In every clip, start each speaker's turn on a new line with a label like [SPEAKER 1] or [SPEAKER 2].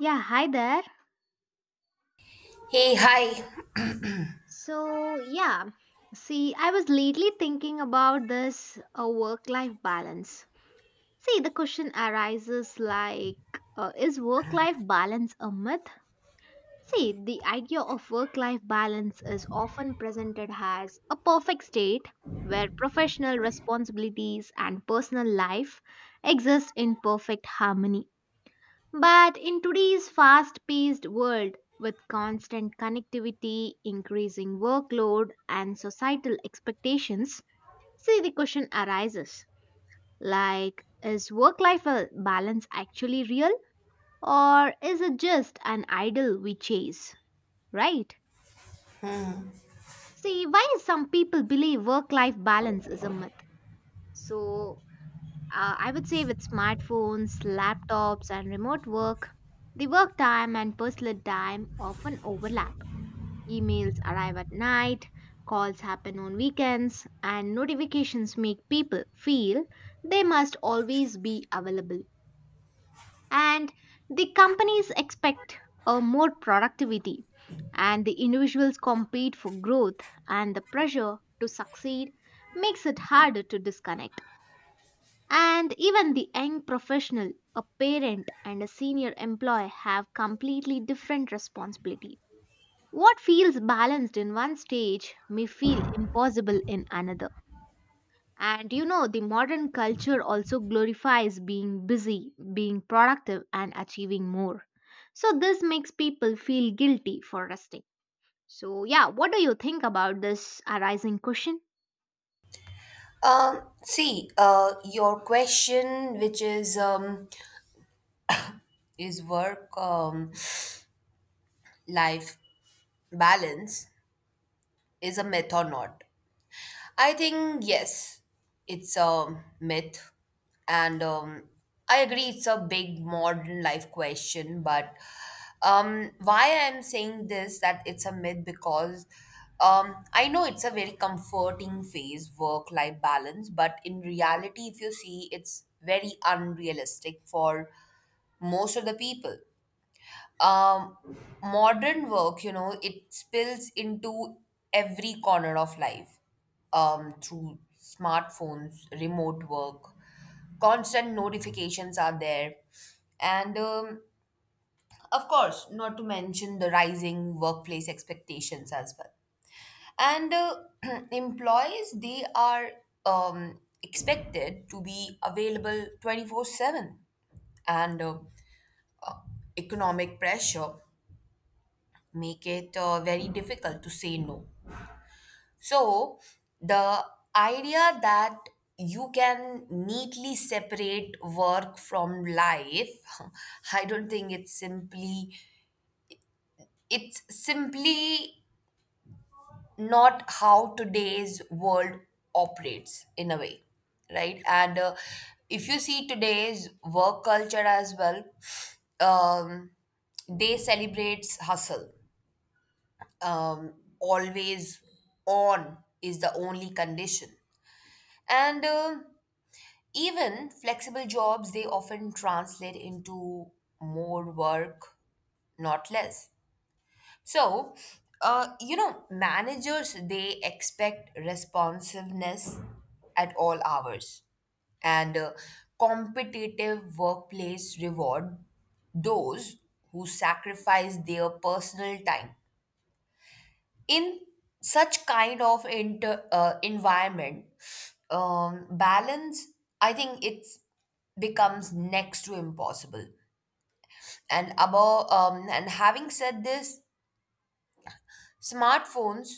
[SPEAKER 1] Yeah, hi there.
[SPEAKER 2] Hey, hi.
[SPEAKER 1] So, yeah, see, I was lately thinking about this work life balance. See, the question arises like, is work life balance a myth? See, the idea of work life balance is often presented as a perfect state where professional responsibilities and personal life exist in perfect harmony. But in today's fast paced world, with constant connectivity, increasing workload, and societal expectations, see the question arises like, is work life balance actually real or is it just an idol we chase? Right? See, why some people believe work life balance is a myth? So, I would say with smartphones, laptops, and remote work, the work time and personal time often overlap. Emails arrive at night, calls happen on weekends, and notifications make people feel they must always be available. And the companies expect more productivity, and the individuals compete for growth, and the pressure to succeed makes it harder to disconnect. And even the young professional, a parent, and a senior employee have completely different responsibility, what feels balanced in one stage may feel impossible in another. And you know, the modern culture also glorifies being busy, being productive, and achieving more. So, this makes people feel guilty for resting. So, yeah, what do you think about this arising question?
[SPEAKER 2] See, your question, which is work life balance, is a myth or not? I think yes, it's a myth, and I agree it's a big modern life question. But why I'm saying this that it's a myth because I know it's a very comforting phase, work life balance, but in reality, if you see, it's very unrealistic for most of the people um, modern work, it spills into every corner of life through smartphones, remote work, constant notifications are there. And of course, not to mention the rising workplace expectations as well. And employees, they are expected to be available 24/7 and economic pressure make it very difficult to say no. So, the idea that you can neatly separate work from life, I don't think it's simply not how today's world operates in a way, right? And if you see today's work culture as well, um, they celebrates hustle, um, always on is the only condition. And even flexible jobs, they often translate into more work, not less. So, managers, they expect responsiveness at all hours. And competitive workplace reward those who sacrifice their personal time in such kind of environment balance, I think it's becomes next to impossible. And above and having said this, smartphones,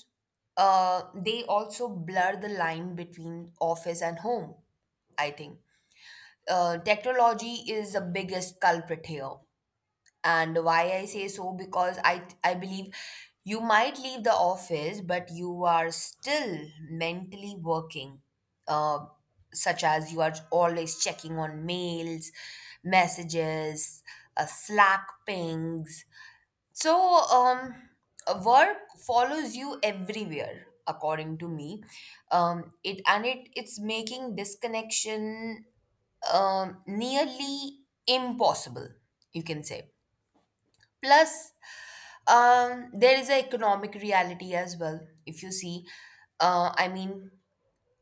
[SPEAKER 2] they also blur the line between office and home. I think technology is the biggest culprit here. And why I say so, because I believe you might leave the office, but you are still mentally working, uh, such as you are always checking on mails, messages, Slack pings. So um, work follows you everywhere, according to me. It and it it's making disconnection nearly impossible, you can say. Plus, there is an economic reality as well. If you see, uh, I mean,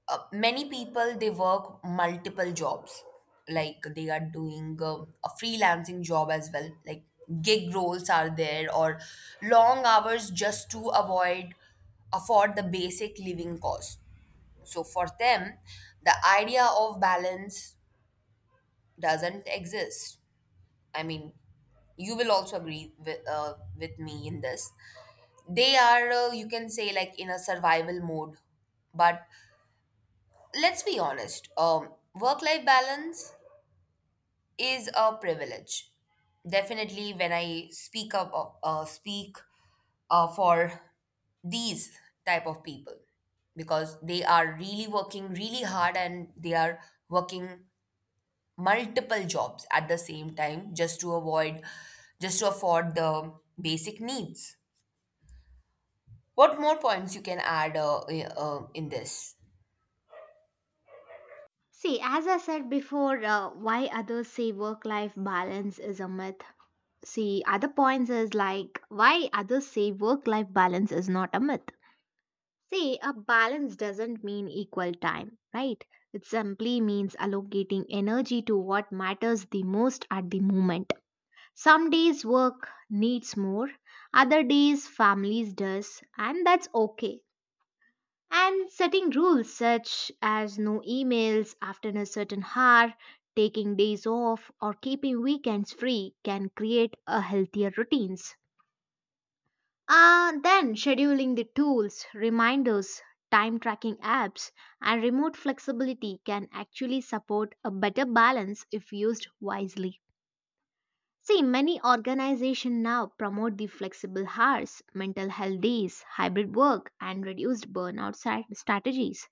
[SPEAKER 2] many people they work multiple jobs, like they are doing a freelancing job as well. Like gig roles are there, or long hours just to avoid afford the basic living costs. So for them, the idea of balance doesn't exist. I mean, you will also agree with me in this. They are you can say like in a survival mode, but let's be honest. Work life balance is a privilege, definitely when I speak for these type of people, because they are really working really hard and they are working multiple jobs at the same time just to avoid just to afford the basic needs. What more points you can add in this?
[SPEAKER 1] See, as I said before, why others say work life balance is a myth. See, other points is like why others say work life balance is not a myth. See, a balance doesn't mean equal time, right? It simply means allocating energy to what matters the most at the moment. Some days work needs more, other days families does, and that's okay. And setting rules such as no emails after a certain hour, taking days off, or keeping weekends free can create a healthier routines. Then scheduling the tools, reminders, time tracking apps, and remote flexibility can actually support a better balance if used wisely. See, many organizations now promote the flexible hours, mental health days, hybrid work, and reduced burnout strategies.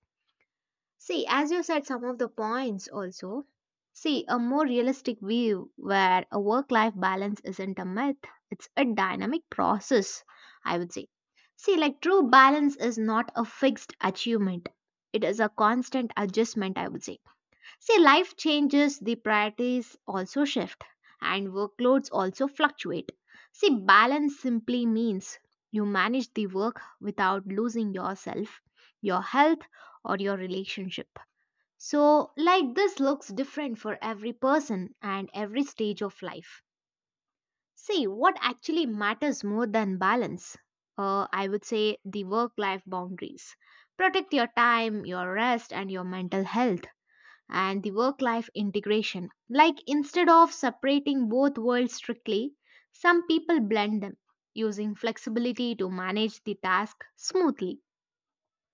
[SPEAKER 1] See, as you said, some of the points also. See, a more realistic view where a work life balance isn't a myth, it's a dynamic process, I would say. See, like true balance is not a fixed achievement, it is a constant adjustment, I would say. See, life changes, the priorities also shift, and workloads also fluctuate. See, balance simply means you manage the work without losing yourself, your health, or your relationship, so, like this looks different for every person and every stage of life. See, what actually matters more than balance? I would say the work life boundaries. Protect your time, your rest, and your mental health, and the work life integration. Like, instead of separating both worlds strictly, some people blend them, using flexibility to manage the task smoothly.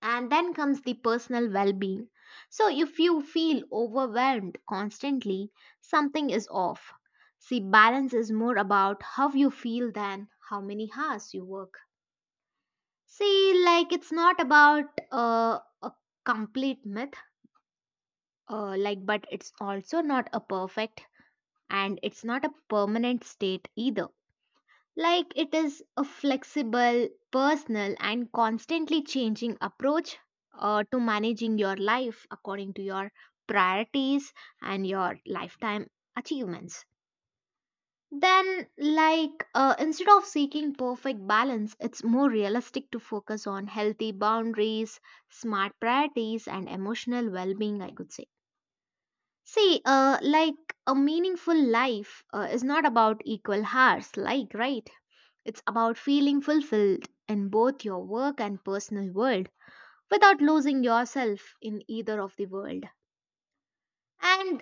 [SPEAKER 1] And then comes the personal well being. So, if you feel overwhelmed constantly, something is off. See, balance is more about how you feel than how many hours you work. See, like it's not about a complete myth, like, but it's also not a perfect and it's not a permanent state either. Like it is a flexible, personal, and constantly changing approach to managing your life according to your priorities and your lifetime achievements. Then, like, instead of seeking perfect balance, it's more realistic to focus on healthy boundaries, smart priorities, and emotional well being, I could say. See, like, a meaningful life is not about equal hours, like, right? It's about feeling fulfilled in both your work and personal world without losing yourself in either of the world. And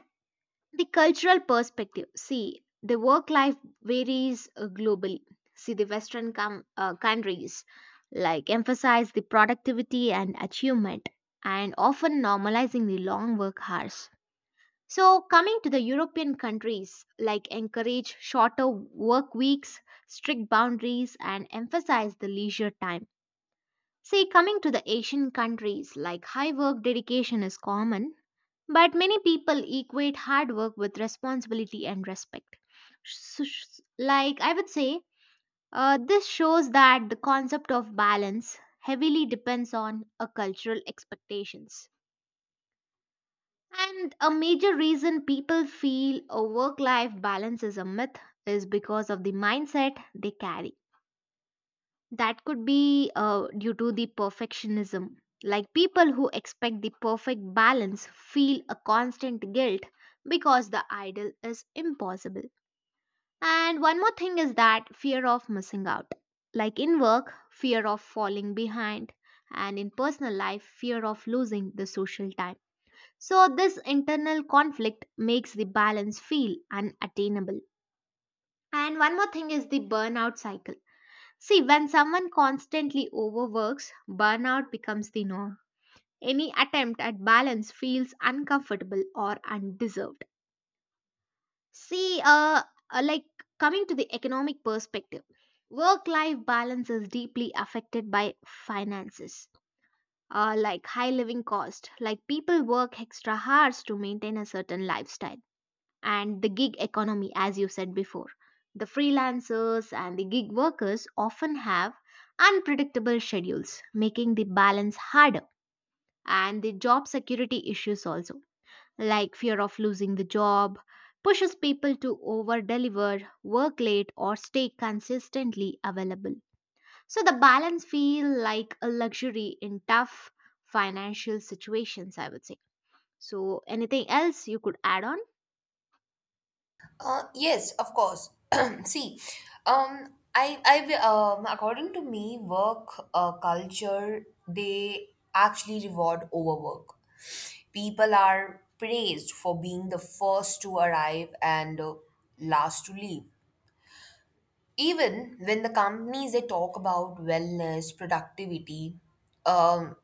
[SPEAKER 1] the cultural perspective. See, the work life varies globally. See, the Western countries like emphasize the productivity and achievement and often normalizing the long work hours. So, coming to the European countries, like encourage shorter work weeks, strict boundaries, and emphasize the leisure time. See, coming to the Asian countries, like high work dedication is common, but many people equate hard work with responsibility and respect. Like, I would say, this shows that the concept of balance heavily depends on a cultural expectations. And a major reason people feel a work life balance is a myth is because of the mindset they carry. That could be due to the perfectionism. Like people who expect the perfect balance feel a constant guilt because the ideal is impossible. And one more thing is that fear of missing out. Like in work, fear of falling behind, and in personal life, fear of losing the social time. So, this internal conflict makes the balance feel unattainable. And one more thing is the burnout cycle. See, when someone constantly overworks, burnout becomes the norm. Any attempt at balance feels uncomfortable or undeserved. See, like coming to the economic perspective, work life balance is deeply affected by finances, like high living cost, like people work extra hours to maintain a certain lifestyle and the gig economy, as you said before. The freelancers and the gig workers often have unpredictable schedules, making the balance harder, and the job security issues also, like fear of losing the job, pushes people to over deliver, work late, or stay consistently available. So the balance feel like a luxury in tough financial situations, I would say. So anything else you could add on?
[SPEAKER 2] Yes, of course. See, according to me, work culture they actually reward overwork. People are praised for being the first to arrive and last to leave. Even when the companies they talk about wellness, productivity, um,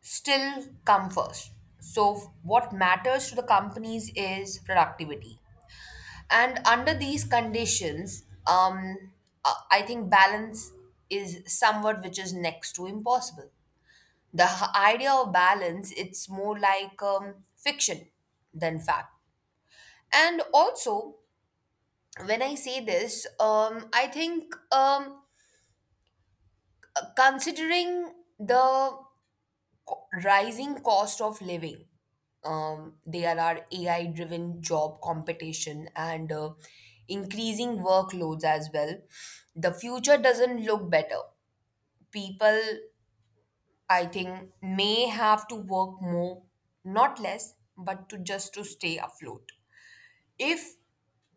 [SPEAKER 2] still come first. So, what matters to the companies is productivity. And under these conditions, I think balance is somewhat which is next to impossible. The idea of balance, it's more like fiction than fact. And also, when I say this, I think considering the rising cost of living. There are AI driven job competition and increasing workloads as well. The future doesn't look better. People, I think, may have to work more, not less, but to just to stay afloat. If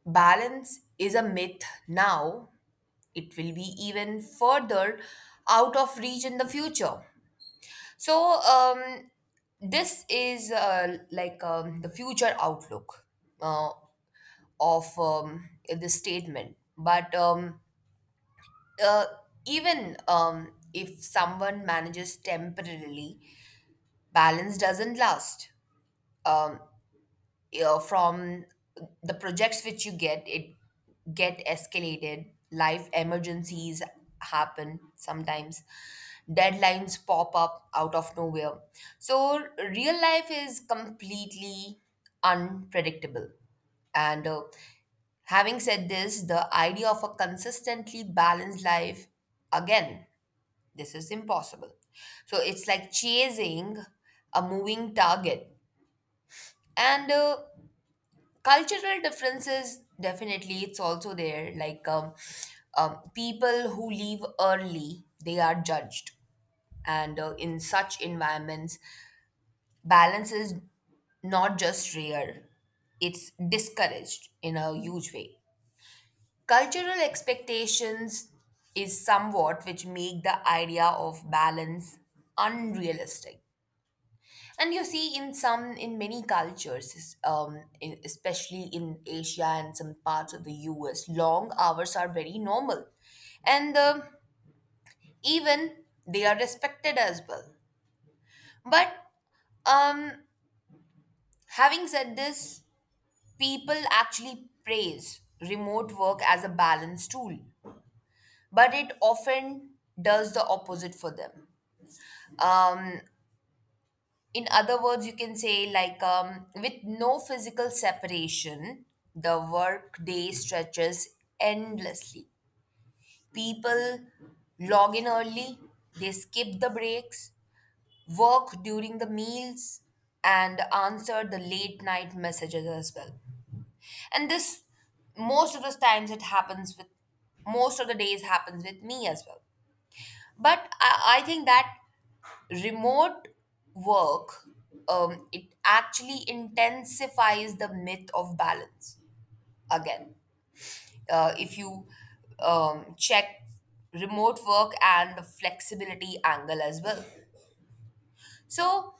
[SPEAKER 2] balance is a myth now, it will be even further out of reach in the future. So, this is the future outlook uh, of this statement. But uh, even if someone manages temporarily, balance doesn't last. Um, from the projects which you get it get escalated, life emergencies happen sometimes, deadlines pop up out of nowhere. So real life is completely unpredictable. And having said this, the idea of a consistently balanced life, again, this is impossible. So it's like chasing a moving target. And cultural differences, definitely it's also there. Like people who leave early, they are judged. And in such environments, balance is not just rare, it's discouraged in a huge way. Cultural expectations is somewhat which make the idea of balance unrealistic. And you see, in many cultures, in, especially in Asia and some parts of the US, long hours are very normal. And even they are respected as well. But um, having said this, people actually praise remote work as a balance tool, but it often does the opposite for them. Um, in other words, you can say like with no physical separation the work day stretches endlessly. People log in early, they skip the breaks, work during the meals, and answer the late night messages as well. And this most of the times it happens with most of the days happens with me as well. But I think that remote work, it actually intensifies the myth of balance. Again, if you check remote work and the flexibility angle as well. So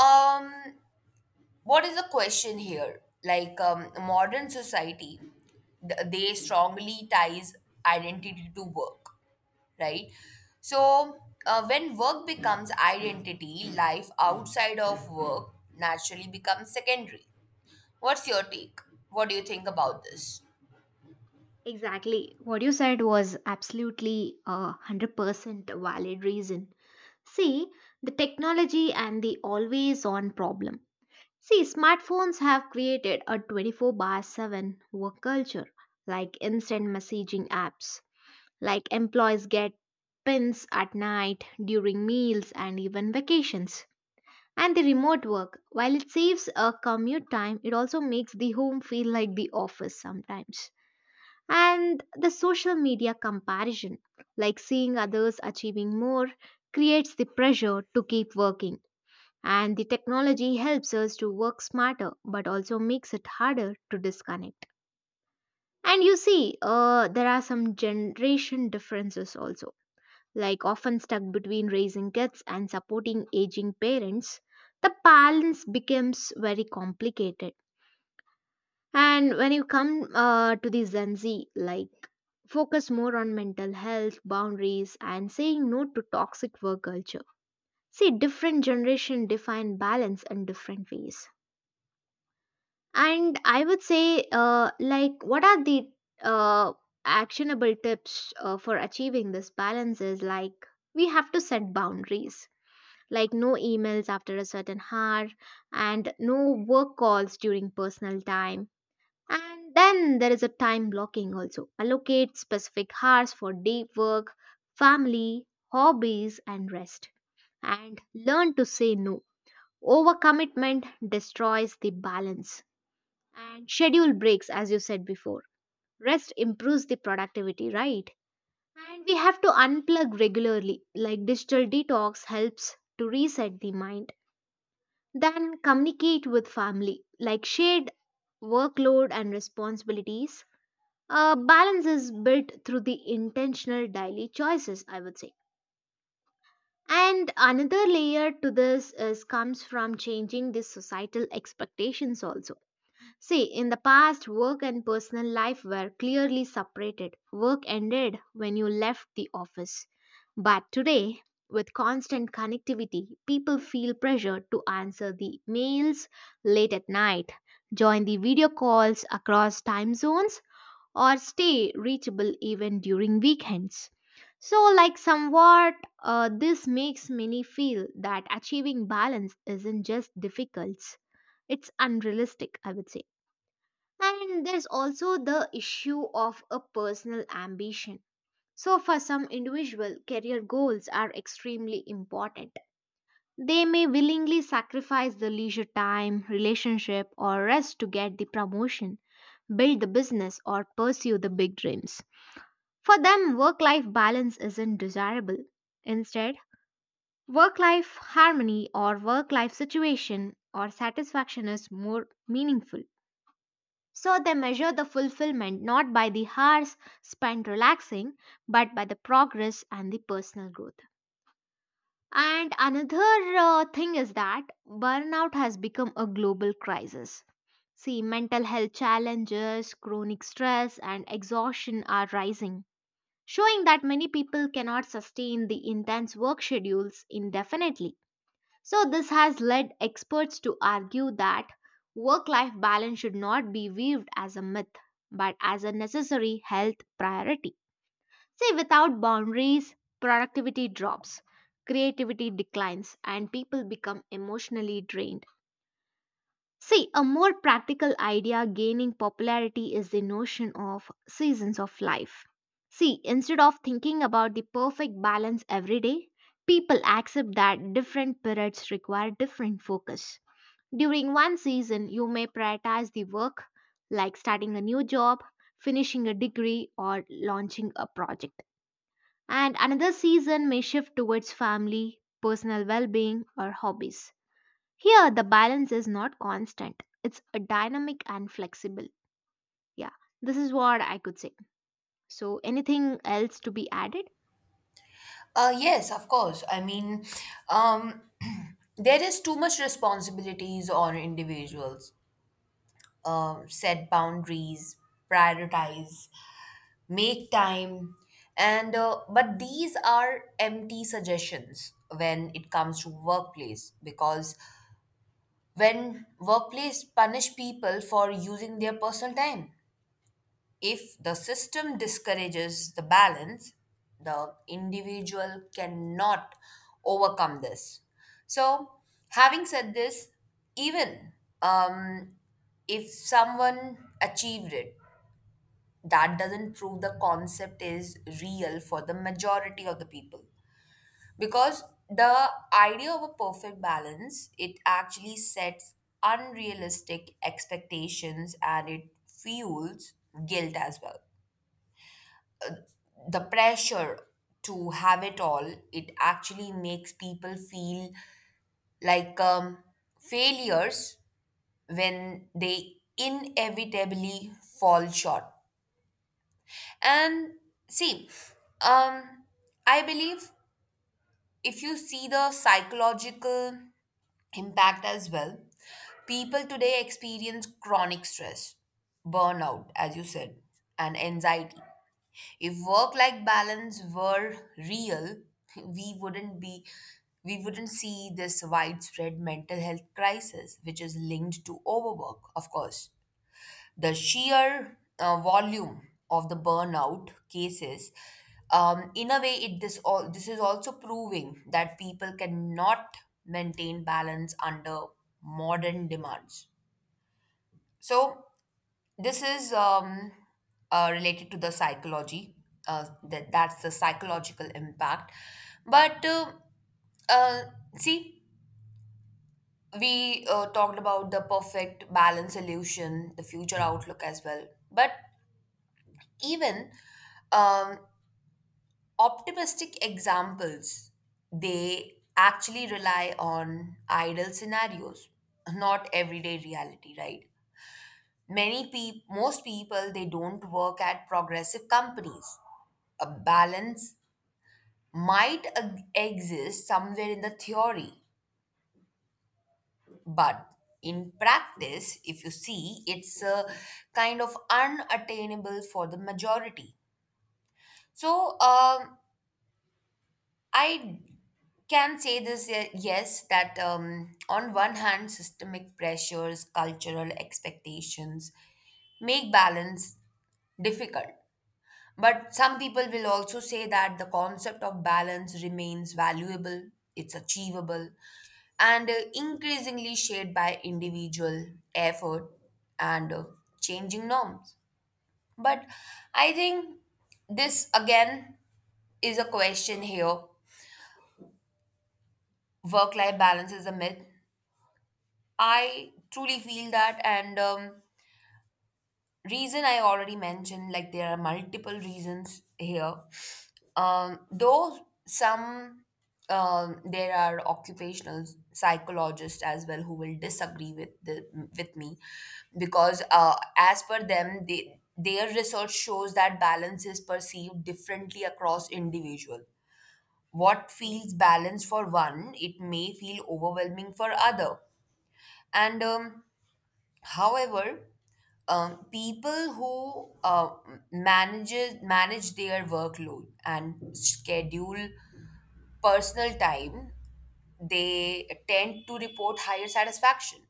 [SPEAKER 2] um, what is the question here, like modern society, they strongly ties identity to work, right? So, when work becomes identity, life outside of work naturally becomes secondary. What's your take? What do you think about this?
[SPEAKER 1] Exactly. What you said was absolutely 100% valid reason. See, the technology and the always on problem. See, smartphones have created a 24/7 work culture, like instant messaging apps, like employees get pins at night, during meals, and even vacations. And the remote work, while it saves a commute time, it also makes the home feel like the office sometimes. And the social media comparison, like seeing others achieving more, creates the pressure to keep working. And the technology helps us to work smarter but also makes it harder to disconnect. And you see, there are some generation differences also, like often stuck between raising kids and supporting aging parents. The balance becomes very complicated. And when you come to the Gen Z, like focus more on mental health, boundaries, and saying no to toxic work culture. See, different generation define balance in different ways. And I would say, like, what are the uh, actionable tips for achieving this balance? Is like we have to set boundaries, like no emails after a certain hour, and no work calls during personal time, and then there is a time blocking also. Allocate specific hours for deep work, family, hobbies, and rest. And learn to say no. Overcommitment destroys the balance. And schedule breaks, as you said before. Rest improves the productivity, right? And we have to unplug regularly, like digital detox helps to reset the mind. Then communicate with family, like shared workload and responsibilities. Balance is built through the intentional daily choices, I would say. And another layer to this is comes from changing the societal expectations also. See, in the past, work and personal life were clearly separated. Work ended when you left the office. But today, with constant connectivity, people feel pressured to answer the mails late at night, join the video calls across time zones, or stay reachable even during weekends. So, like, somewhat, this makes many feel that achieving balance isn't just difficult, it's unrealistic, I would say. And there's also the issue of a personal ambition. So, for some individual, career goals are extremely important. They may willingly sacrifice the leisure time, relationship, or rest to get the promotion, build the business, or pursue the big dreams. For them, work life balance isn't desirable. Instead, work life harmony or work life situation or satisfaction is more meaningful. So they measure the fulfillment not by the hours spent relaxing, but by the progress and the personal growth. And another thing is that burnout has become a global crisis. See, mental health challenges, chronic stress, and exhaustion are rising, showing that many people cannot sustain the intense work schedules indefinitely. So, this has led experts to argue that work life balance should not be viewed as a myth but as a necessary health priority. See, without boundaries, productivity drops, creativity declines, and people become emotionally drained. See, a more practical idea gaining popularity is the notion of seasons of life. See, instead of thinking about the perfect balance every day, people accept that different periods require different focus. During one season, you may prioritize the work, like starting a new job, finishing a degree, or launching a project. And another season may shift towards family, personal well being, or hobbies. Here, the balance is not constant, it's a dynamic and flexible. Yeah, this is what I could say. So, anything else to be added?
[SPEAKER 2] Yes, of course. I mean, um, there is too much responsibilities on individuals. Set boundaries, prioritize, make time, and but these are empty suggestions when it comes to workplace, because when workplace punish people for using their personal time, if the system discourages the balance, the individual cannot overcome this. So having said this, even um, if someone achieved it, that doesn't prove the concept is real for the majority of the people. Because the idea of a perfect balance, it actually sets unrealistic expectations, and it fuels guilt as well. The pressure to have it all, it actually makes people feel like failures when they inevitably fall short. And see, um I believe if you see the psychological impact as well. People today experience chronic stress, burnout, as you said, and anxiety. If work life balance were real, we wouldn't be we wouldn't see this widespread mental health crisis which is linked to overwork, of course. The sheer volume of the burnout cases, in a way, it this all this is also proving that people cannot maintain balance under modern demands. So this is related to the psychology, that's the psychological impact. But uh, see, we talked about the perfect balance solution, the future outlook as well. But even um, optimistic examples, they actually rely on ideal scenarios, not everyday reality, right? Many people, most people, they don't work at progressive companies. A balance exist somewhere in the theory, but in practice, if you see, it's a kind of unattainable for the majority. So I can say this, yes, that on one hand, systemic pressures, cultural expectations make balance difficult. But some people will also say that the concept of balance remains valuable, it's achievable, and increasingly shaped by individual effort and changing norms. But I think this again is a question here. Work life balance is a myth, I truly feel that. And reason I already mentioned, like there are multiple reasons here. Though some there are occupational psychologists as well who will disagree with the with me, because as per them, their research shows that balance is perceived differently across individual. What feels balanced for one, it may feel overwhelming for other. And however, people who manage their workload and schedule personal time, they tend to report higher satisfaction.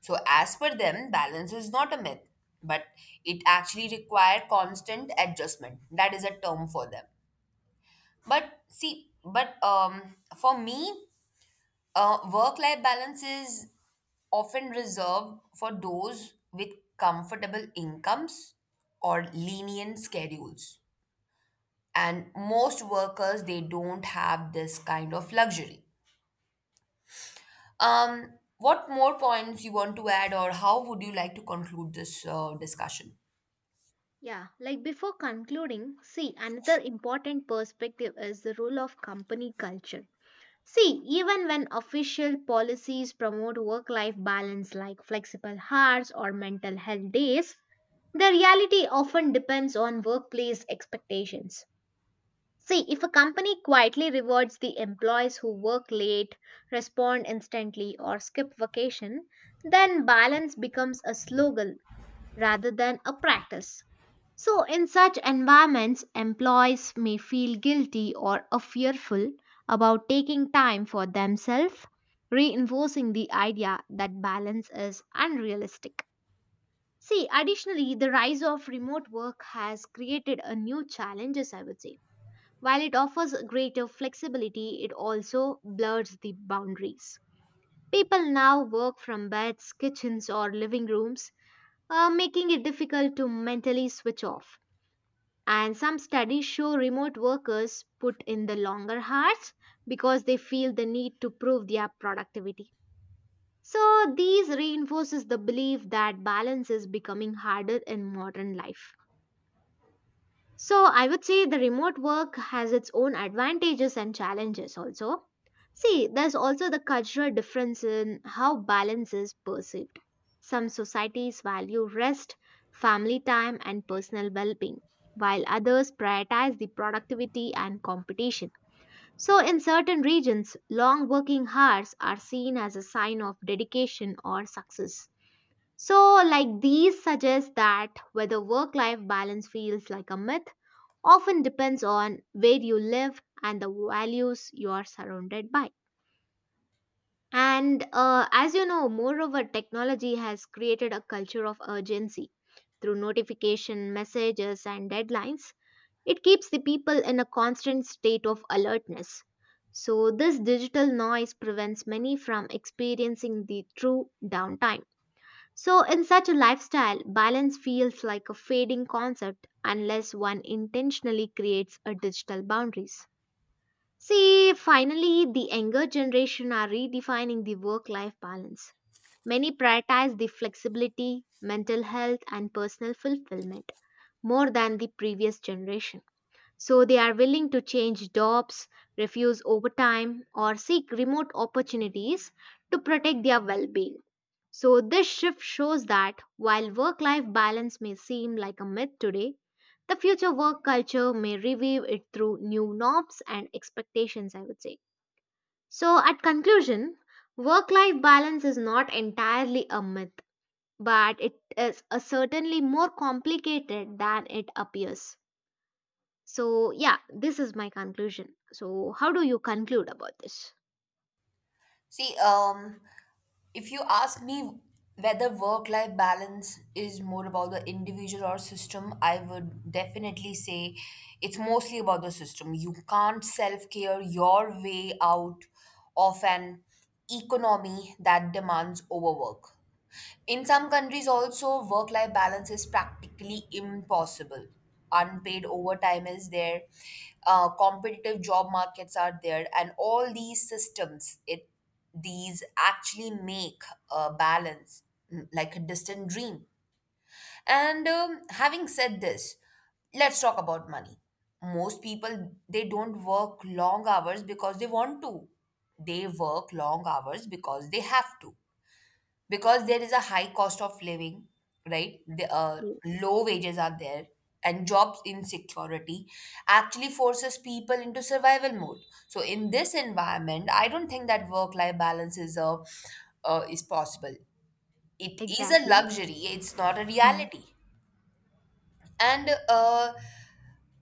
[SPEAKER 2] So as per them, balance is not a myth, but it actually require constant adjustment, that is a term for them. But see but for me, work life balance is often reserved for those with comfortable incomes or lenient schedules. And most workers, they don't have this kind of luxury. What more points you want to add, or how would you like to conclude this discussion?
[SPEAKER 1] Yeah, like before concluding, see another important perspective is the role of company culture. See, even when official policies promote work life balance like flexible hours or mental health days, the reality often depends on workplace expectations. See, if a company quietly rewards the employees who work late, respond instantly, or skip vacation, then balance becomes a slogan rather than a practice. So, in such environments, employees may feel guilty or fearful about taking time for themselves, reinforcing the idea that balance is unrealistic. See, additionally, the rise of remote work has created a new challenges, I would say, while it offers greater flexibility, it also blurs the boundaries. People now work from beds, kitchens, or living rooms, making it difficult to mentally switch off. And some studies show remote workers put in the longer hours because they feel the need to prove their productivity. So these reinforces the belief that balance is becoming harder in modern life. So I would say the remote work has its own advantages and challenges also. See, there's also the cultural difference in how balance is perceived. Some societies value rest, family time, and personal well being, while others prioritize the productivity and competition. So, in certain regions, long working hours are seen as a sign of dedication or success. So, like these suggest that whether work life balance feels like a myth often depends on where you live and the values you are surrounded by. And as you know, moreover, technology has created a culture of urgency through notification, messages, and deadlines. It keeps the people in a constant state of alertness. So, this digital noise prevents many from experiencing the true downtime, so, in such a lifestyle, balance feels like a fading concept unless one intentionally creates a digital boundaries. See, finally, the younger generation are redefining the work life balance. Many prioritize the flexibility, mental health, and personal fulfillment more than the previous generation. So, they are willing to change jobs, refuse overtime, or seek remote opportunities to protect their well being. So, this shift shows that while work life balance may seem like a myth today, the future work culture may revive it through new norms and expectations, I would say. So, at conclusion, work life balance is not entirely a myth, but it is a certainly more complicated than it appears. So, yeah, this is my conclusion. So, how do you conclude about this?
[SPEAKER 2] See, if you ask me whether work life balance is more about the individual or system, I would definitely say it's mostly about the system. You can't self care your way out of an economy that demands overwork. In some countries, also, work life balance is practically impossible. Unpaid overtime is there, competitive job markets are there, and all these systems, it these actually make a balance, like a distant dream. And having said this, let's talk about money. Most people they don't work long hours because they want to. They work long hours because they have to, because there is a high cost of living, right? The
[SPEAKER 1] Yes,
[SPEAKER 2] Low wages are there, and jobs insecurity actually forces people into survival mode. So in this environment, I don't think that work-life balance is a is possible. It is a
[SPEAKER 1] exactly.
[SPEAKER 2] luxury. It's not a
[SPEAKER 1] Hmm.
[SPEAKER 2] reality. And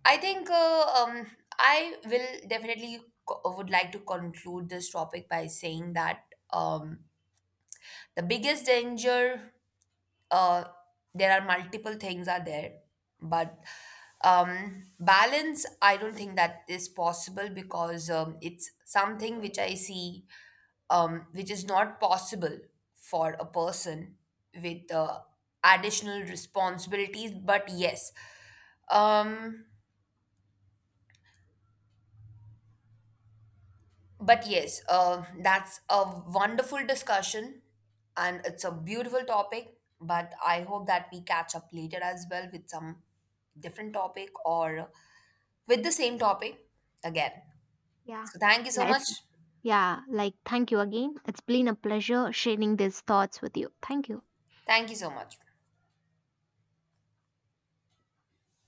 [SPEAKER 2] I think uh, um, I will definitely would like to conclude this topic by saying that um, the biggest danger, uh, there are multiple things are there. But balance I don't think that is possible, because it's something which I see which is not possible for a person with additional responsibilities. But yes, um, But yes, that's a wonderful discussion and it's a beautiful topic. But I hope that we catch up later as well with some different topic or with the same topic again.
[SPEAKER 1] Yeah.
[SPEAKER 2] So thank you so
[SPEAKER 1] Yeah,
[SPEAKER 2] much.
[SPEAKER 1] it's Yeah, like, thank you again. It's been a pleasure sharing these thoughts with you. Thank you.
[SPEAKER 2] Thank you so much.